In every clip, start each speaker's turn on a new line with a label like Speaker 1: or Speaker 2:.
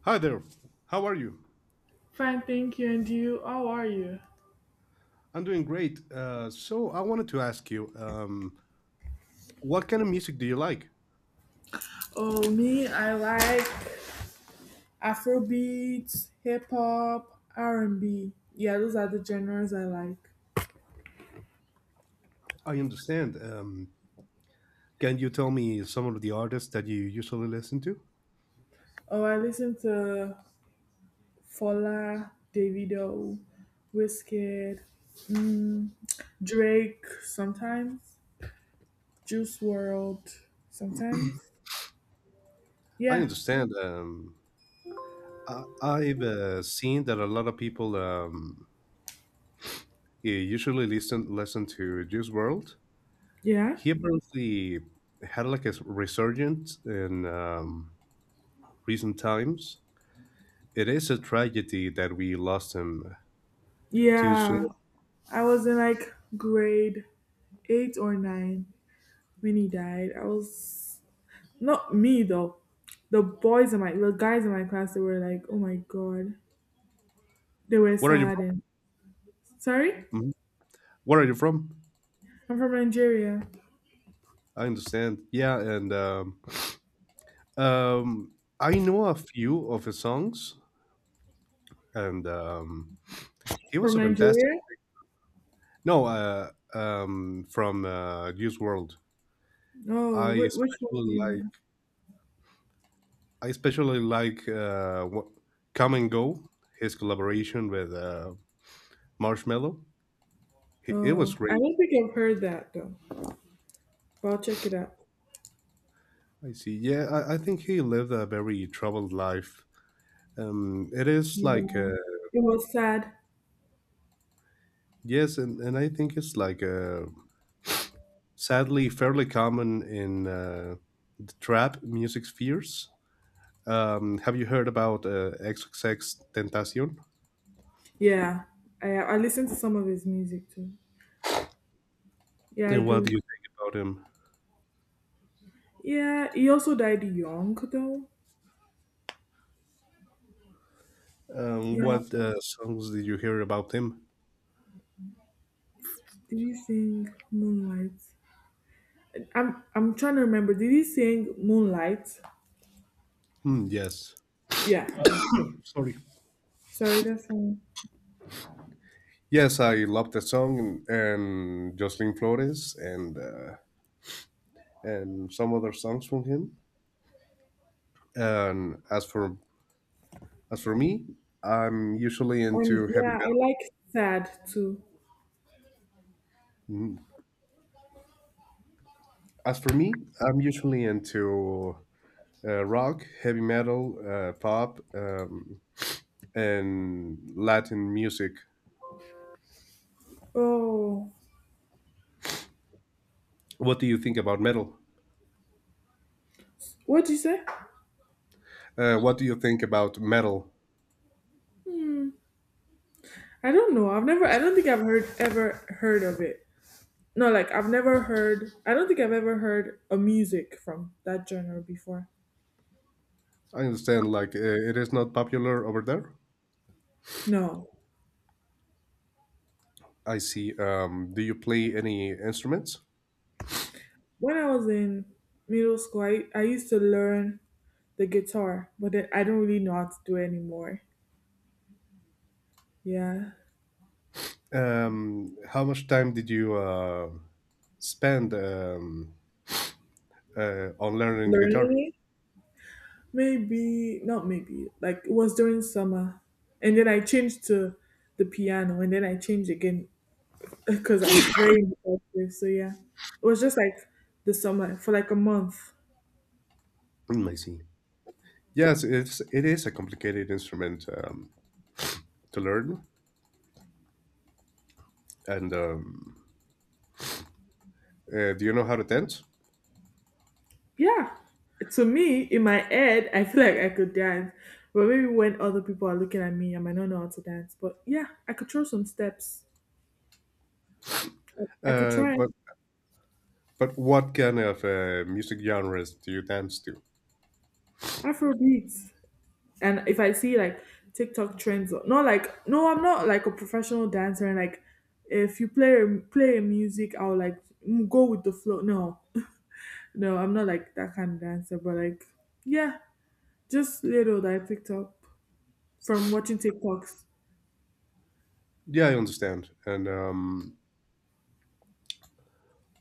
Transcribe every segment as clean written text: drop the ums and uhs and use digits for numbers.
Speaker 1: Hi there. How are you?
Speaker 2: Fine, thank you. And you, how are you?
Speaker 1: I'm doing great. So I wanted to ask you, what kind of music do you like?
Speaker 2: Oh, me, I like Afrobeats, hip hop, R and B. Yeah, those are the genres I like.
Speaker 1: I understand. Can you tell me some of the artists that you usually listen to?
Speaker 2: Oh, I listen to Fola, Davido, Wizkid, mm, Drake sometimes, Juice World sometimes.
Speaker 1: I
Speaker 2: Yeah,
Speaker 1: understand. I've seen that a lot of people you usually listen to Juice World.
Speaker 2: yeah,
Speaker 1: He apparently had like a resurgence in recent times. It is a tragedy that we lost him too
Speaker 2: yeah.
Speaker 1: soon.
Speaker 2: I was in like grade eight or nine when he died. I was not me though. The guys in my class, they were like, oh my god. They were
Speaker 1: Where are you
Speaker 2: sad and sorry?
Speaker 1: from? Mm-hmm. Where are you from?
Speaker 2: I'm from Nigeria.
Speaker 1: I understand. Yeah, and um, I know a few of his songs, and he was
Speaker 2: From
Speaker 1: a fantastic.
Speaker 2: Nigeria?
Speaker 1: No, from Juice World. I
Speaker 2: Oh, which one
Speaker 1: especially
Speaker 2: do you
Speaker 1: like.
Speaker 2: know?
Speaker 1: I especially like "Come and Go." His collaboration with Marshmello. It was
Speaker 2: Oh, I
Speaker 1: great.
Speaker 2: don't think I've heard that though. But I'll check it out.
Speaker 1: I see. Yeah, I think he lived a very troubled life. It is
Speaker 2: Yeah,
Speaker 1: like
Speaker 2: it was sad.
Speaker 1: yes, and I think it's like sadly fairly common in the trap music spheres. Have you heard about XXX Tentacion?
Speaker 2: Yeah, I listened to some of his music too. Yeah, I
Speaker 1: And what do
Speaker 2: do.
Speaker 1: you think about him?
Speaker 2: Yeah, he also died young though. Yeah,
Speaker 1: What songs did you hear about him?
Speaker 2: did he sing Moonlight? I'm trying to remember. Did he sing Moonlight?
Speaker 1: Hmm, yes,
Speaker 2: Yeah. Sorry, that's fine.
Speaker 1: yes, I love that song and Jocelyn Flores and and some other songs from him. And as for me, I'm usually
Speaker 2: And
Speaker 1: into heavy
Speaker 2: yeah, I
Speaker 1: metal.
Speaker 2: like sad too.
Speaker 1: Mhm. As for me, I'm usually into rock, heavy metal, pop, and Latin music.
Speaker 2: Oh,
Speaker 1: What do you think about metal?
Speaker 2: what'd you say?
Speaker 1: What do you think about metal?
Speaker 2: I don't know. I've never. I don't think I've heard ever heard of it. No, like I've never heard. I don't think I've ever heard a music from that genre before.
Speaker 1: I understand, like it is not popular over there.
Speaker 2: No.
Speaker 1: I see. Do you play any instruments?
Speaker 2: When I was in middle school, I used to learn the guitar, but then I don't really know how to do it anymore. Yeah,
Speaker 1: How much time did you spend on learning the guitar?
Speaker 2: learning it. Maybe not maybe. Like it was during summer. And then I changed to the piano and then I changed again because I'm very impulsive. So yeah. It was just like the summer for like a month.
Speaker 1: Mm, I see. It is a complicated instrument to learn. And do you know how to dance?
Speaker 2: Yeah. To me, in my head, I feel like I could dance. But maybe when other people are looking at me, I might not know how to dance. But yeah, I could throw some steps. I could
Speaker 1: Uh,
Speaker 2: try
Speaker 1: but But what kind of music genres do you dance to?
Speaker 2: Afro beats. And if I see like TikTok trends, not like no, I'm not like a professional dancer. And like, if you play music, I'll like go with the flow. No, no, I'm not like that kind of dancer. But like, yeah, just little that I picked up from watching TikToks.
Speaker 1: Yeah, I understand. And um,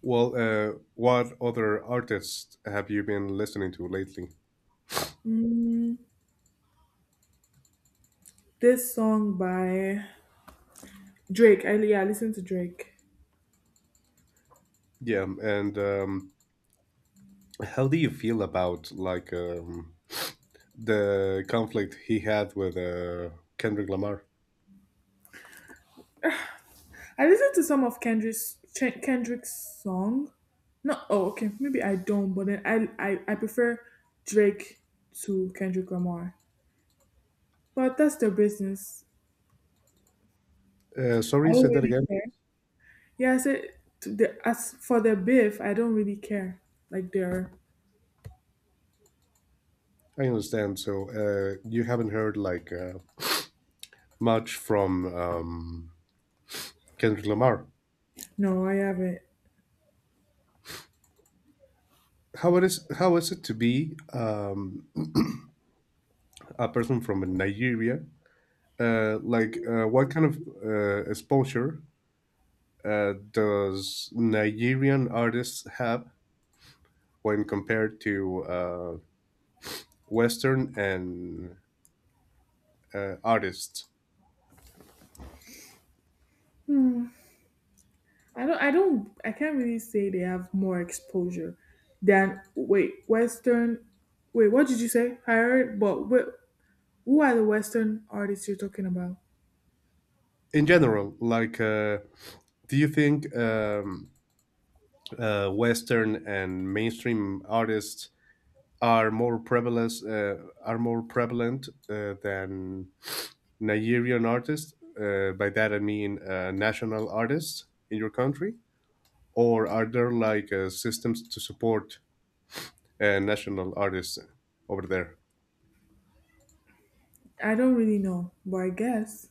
Speaker 1: well, uh, what other artists have you been listening to lately?
Speaker 2: Mm, this song by Drake. I yeah, I listen to Drake.
Speaker 1: Yeah, and how do you feel about like the conflict he had with Kendrick Lamar?
Speaker 2: I listen to some of Kendrick's song. No, oh, okay, maybe I don't. But then I prefer Drake to Kendrick Lamar. But that's their business. I
Speaker 1: Sorry, say
Speaker 2: don't
Speaker 1: that
Speaker 2: really
Speaker 1: again, please.
Speaker 2: care. Yeah, I said to the, as for their beef, I don't really care. Like their
Speaker 1: I understand. So you haven't heard like much from Kendrick Lamar.
Speaker 2: no, I haven't.
Speaker 1: How it is? How is it to be a person from Nigeria, like what kind of exposure does Nigerian artists have when compared to Western and artists
Speaker 2: I don't. I don't. I can't really say they have more exposure than wait Western. Wait, what did you say? I heard, but who are the Western artists you're talking about?
Speaker 1: in general? Like, do you think Western and mainstream artists are more prevalent uh, are more prevalent than Nigerian artists? By that I mean national artists in your country. Or are there like systems to support national artists over there?
Speaker 2: I don't really know, but I guess.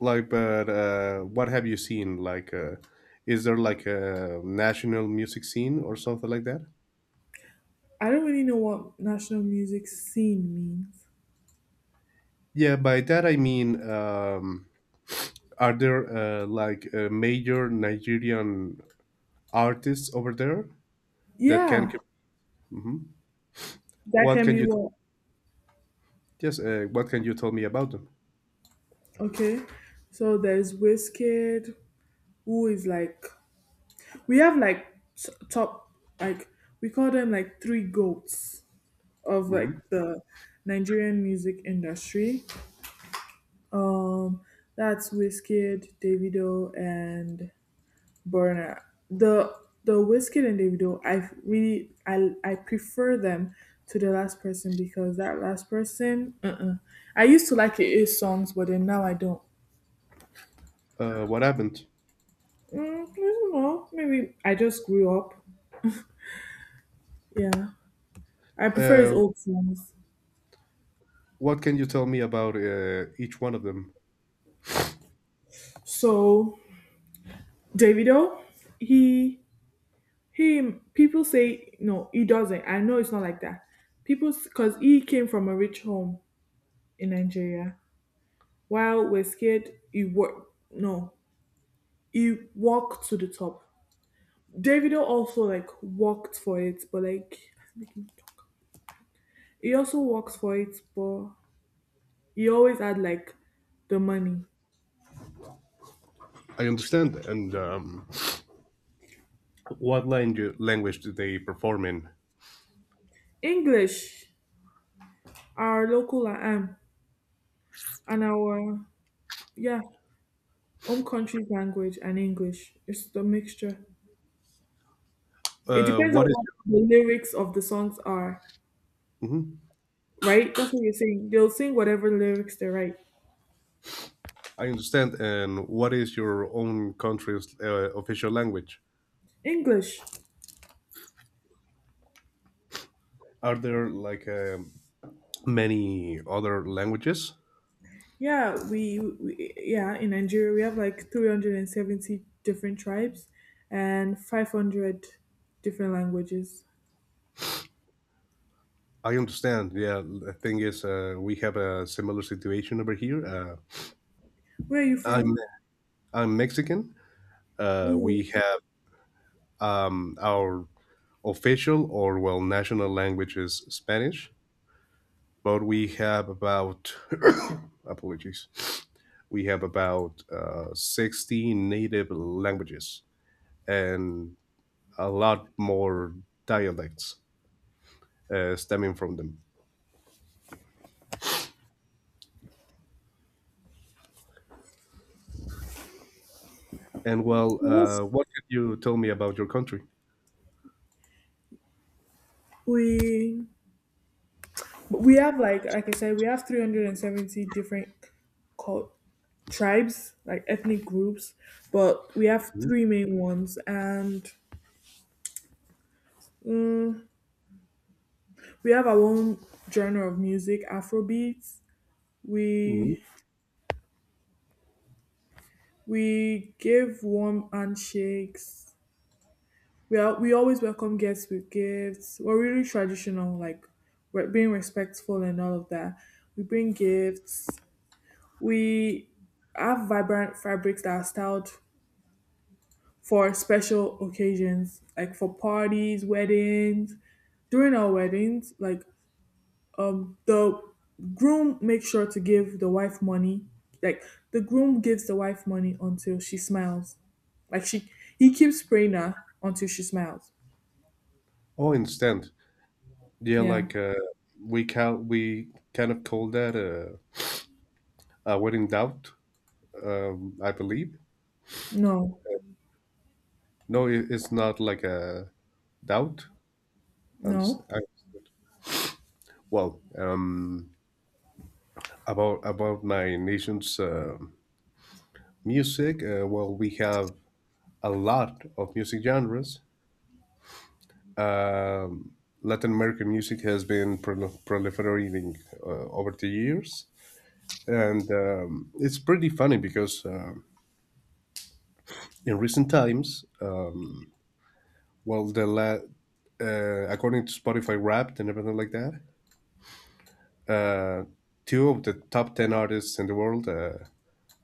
Speaker 1: Like, but what have you seen? Like, is there like a national music scene or something like that?
Speaker 2: I don't really know what national music scene means.
Speaker 1: Yeah, by that I mean, are there like major Nigerian artists over there that can?
Speaker 2: Yeah,
Speaker 1: Hmm.
Speaker 2: that
Speaker 1: What
Speaker 2: can
Speaker 1: can
Speaker 2: be
Speaker 1: you?
Speaker 2: what.
Speaker 1: Yes, what can you tell me about them?
Speaker 2: Okay, so there's Wizkid, who is like we have like top, like we call them like three goats of like
Speaker 1: Hmm.
Speaker 2: the Nigerian music industry. Um, that's Wizkid, Davido, and burner. The the whiskey individual, I really I prefer them to the last person because that last person, uh-uh. I used to like his songs, but then now I don't.
Speaker 1: What happened?
Speaker 2: I don't know. Maybe I just grew up. Yeah, I prefer
Speaker 1: Uh,
Speaker 2: his old songs.
Speaker 1: what can you tell me about each one of them?
Speaker 2: So Davido, he he people say no, he doesn't. I know it's not like that. People because he came from a rich home in Nigeria, while Wizkid he worked no he walked to the top. Davido also like walked for it, but like he also worked for it, but he always had like the money.
Speaker 1: I understand that. And what language do they perform in?
Speaker 2: English, our local and our yeah, home country language and English. It's the mixture. It depends on
Speaker 1: What is
Speaker 2: what
Speaker 1: your,
Speaker 2: the lyrics of the songs are,
Speaker 1: Mhm.
Speaker 2: right? That's what you're saying. They'll sing whatever lyrics they write.
Speaker 1: I understand. And what is your own country's official language?
Speaker 2: English.
Speaker 1: Are there like many other languages?
Speaker 2: Yeah, we yeah in Nigeria we have like 370 different tribes and 500 different languages.
Speaker 1: I understand. Yeah, the thing is, we have a similar situation over here.
Speaker 2: Where are you from?
Speaker 1: I'm I'm Mexican.
Speaker 2: Ooh,
Speaker 1: We have our official or well national language is Spanish, but we have about apologies we have about 60 native languages and a lot more dialects stemming from them. And well,
Speaker 2: well,
Speaker 1: what can you tell me about your country?
Speaker 2: we we have like I said we have 370 different cult tribes like ethnic groups, but we have three main ones and mm, we have our own genre of music, Afrobeats.
Speaker 1: Mm-hmm.
Speaker 2: We We gave warm handshakes. We always welcome guests with gifts. We're really traditional, like we're being respectful and all of that. We bring gifts. We have vibrant fabrics that are styled for special occasions, like for parties, weddings. During our weddings, like the groom makes sure to give the wife money, like the groom gives the wife money until she smiles, like she he keeps praying her until she smiles
Speaker 1: Oh, instant. Yeah,
Speaker 2: yeah
Speaker 1: like we kind of call that a wedding doubt, I believe.
Speaker 2: no
Speaker 1: No, it's not like a doubt. And s-
Speaker 2: no
Speaker 1: I- well, About my nation's music, well, we have a lot of music genres. Um, Latin American music has been proliferating over the years. And it's pretty funny because in recent times, well, the la- according to Spotify Wrapped and everything like that, uh, two of the top 10 artists in the world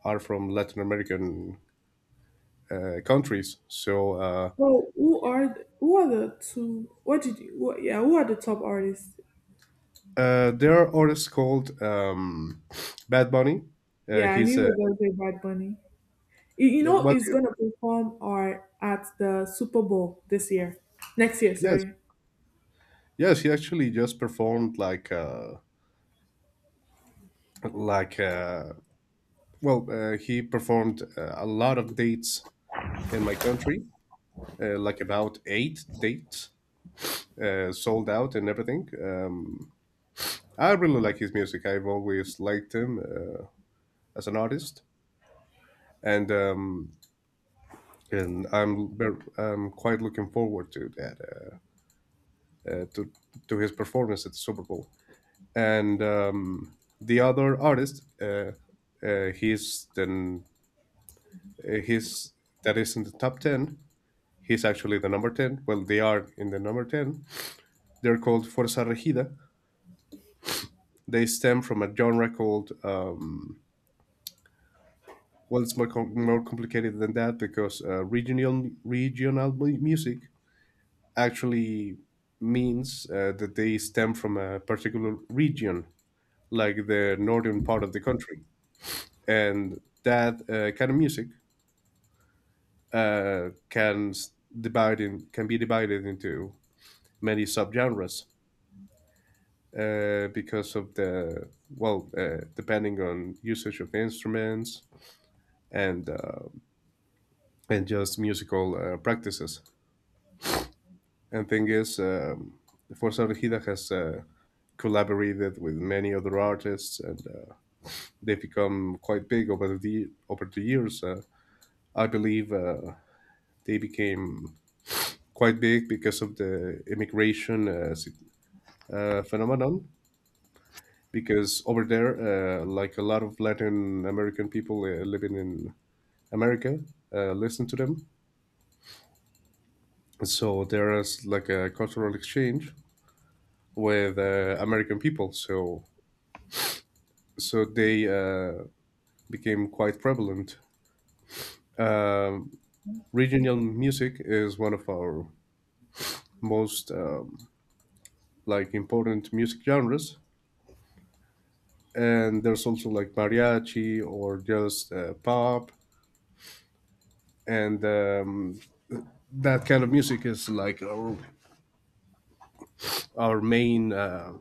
Speaker 1: are from Latin American countries. So, uh,
Speaker 2: well who are the two what did you what, yeah who are the top artists
Speaker 1: There are artists called Bad Bunny.
Speaker 2: yeah I knew
Speaker 1: He's
Speaker 2: you
Speaker 1: a
Speaker 2: were gonna say bad bunny you, you
Speaker 1: what,
Speaker 2: know
Speaker 1: what?
Speaker 2: he's
Speaker 1: Do you-
Speaker 2: gonna perform or at the super bowl this year next year
Speaker 1: Yes,
Speaker 2: sorry
Speaker 1: yes. He actually just performed like uh, he performed a lot of dates in my country, like about eight dates, sold out and everything. I really like his music. I've always liked him as an artist, and I'm I'm quite looking forward to that, uh, to to his performance at the Super Bowl. And the other artist, uh, he's then he's that is in the top ten. He's actually the number ten. Well, they are in the number ten. They're called Forza Regida. They stem from a genre called well, it's more more complicated than that because regional music actually means that they stem from a particular region, like the northern part of the country. And that kind of music uh, can can be divided into many subgenres because of the well depending on usage of instruments and just musical practices. And thing is, Forza Regida has collaborated with many other artists, and they've become quite big over the years. I believe they became quite big because of the immigration phenomenon. Because over there, like a lot of Latin American people living in America, listen to them. So there is like a cultural exchange with American people. So they became quite prevalent. Um, regional music is one of our most like important music genres, and there's also like mariachi or just pop, and that kind of music is like our main uh,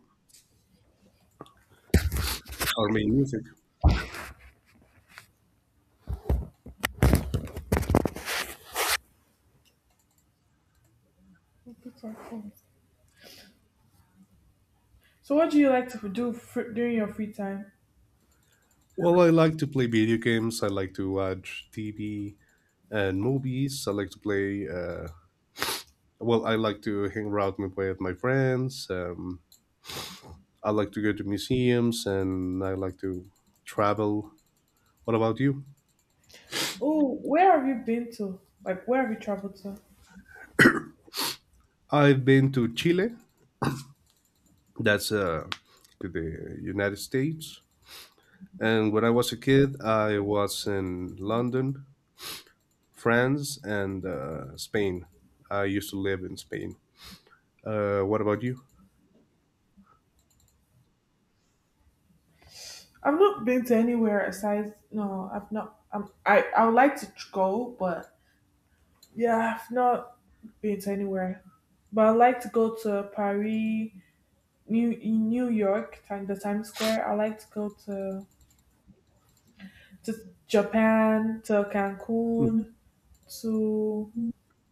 Speaker 1: our main music.
Speaker 2: so what do you like to do fr during your free time.
Speaker 1: Well, I like to play video games, I like to watch TV and movies, I like to play I like to hang around with my friends, I like to go to museums, and I like to travel. What about you?
Speaker 2: Oh, where have you been to? Like, where have you traveled to?
Speaker 1: I've been to Chile, that's to the United States. And when I was a kid, I was in London, France, and Spain. I used to live in Spain. What about you?
Speaker 2: I've not been to anywhere aside. No, I've not. I would like to go, but yeah, I've not been to anywhere. But I'd like to go to Paris, New York, time the Times Square. I like to go to to Japan, to
Speaker 1: Mm,
Speaker 2: Cancun, to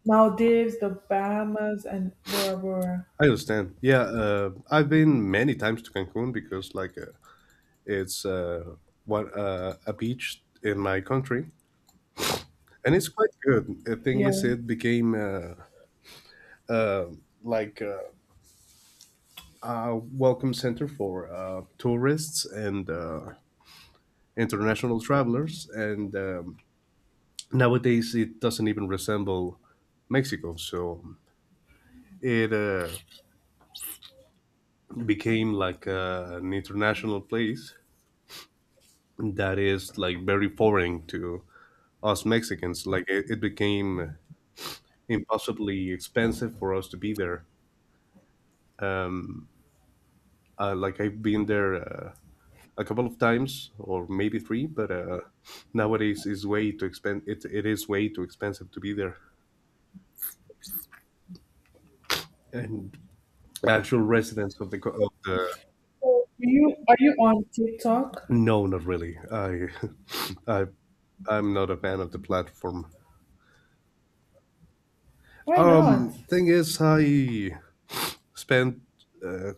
Speaker 2: Maldives, the Bahamas, and Bora Bora.
Speaker 1: I understand. Yeah, I've been many times to Cancun because, like, it's what a beach in my country, and it's quite good. The thing is,
Speaker 2: Yeah.
Speaker 1: it became uh, like a welcome center for tourists and international travelers, and nowadays, it doesn't even resemble Mexico, so it became like an international place that is like very foreign to us Mexicans. It became impossibly expensive for us to be there. Um, like I've been there a couple of times, or maybe three, but nowadays is way too expen. It is way too expensive to be there, and actual residents of the of the
Speaker 2: So, are you on TikTok?
Speaker 1: no, not really. I I I'm not a fan of the platform.
Speaker 2: Why not?
Speaker 1: Thing is, I spent uh,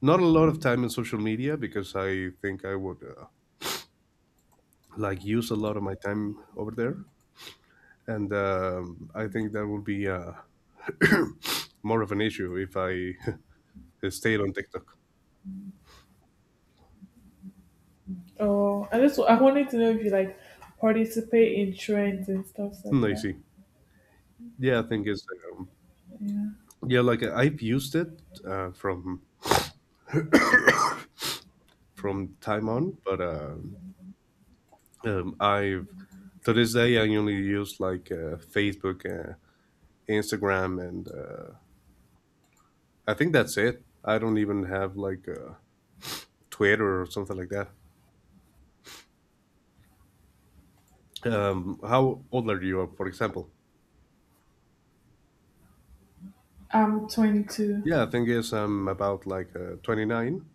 Speaker 1: not a lot of time in social media because I think I would like use a lot of my time over there, and I think that would be more of an issue if I stayed on TikTok.
Speaker 2: Oh, I just I wanted to know if you like participate in trends and stuff
Speaker 1: Hmm,
Speaker 2: like
Speaker 1: I
Speaker 2: that.
Speaker 1: see. Yeah, I think it's um,
Speaker 2: Yeah.
Speaker 1: yeah, like I've used it uh, from from time on, but I've to this day I only use like Facebook, Instagram, and I think that's it. I don't even have like Twitter or something like that. How old are you, for example?
Speaker 2: I'm 22.
Speaker 1: Yeah, I think is I'm about like 29.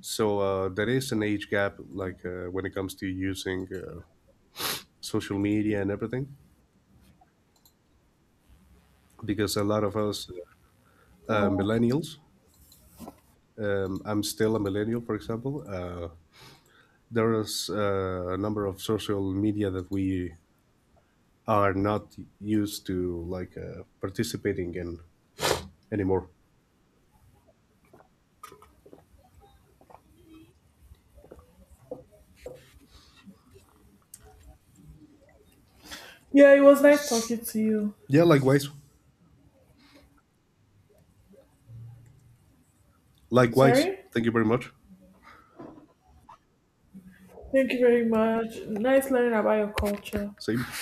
Speaker 1: So there is an age gap, like when it comes to using social media and everything, because a lot of us
Speaker 2: Oh.
Speaker 1: millennials, I'm still a millennial, for example. There is a number of social media that we are not used to like participating in anymore.
Speaker 2: Yeah, it was nice talking to you.
Speaker 1: Yeah, likewise. Likewise.
Speaker 2: Sorry?
Speaker 1: Thank you very much.
Speaker 2: Thank you very much. Nice learning about your culture.
Speaker 1: Same.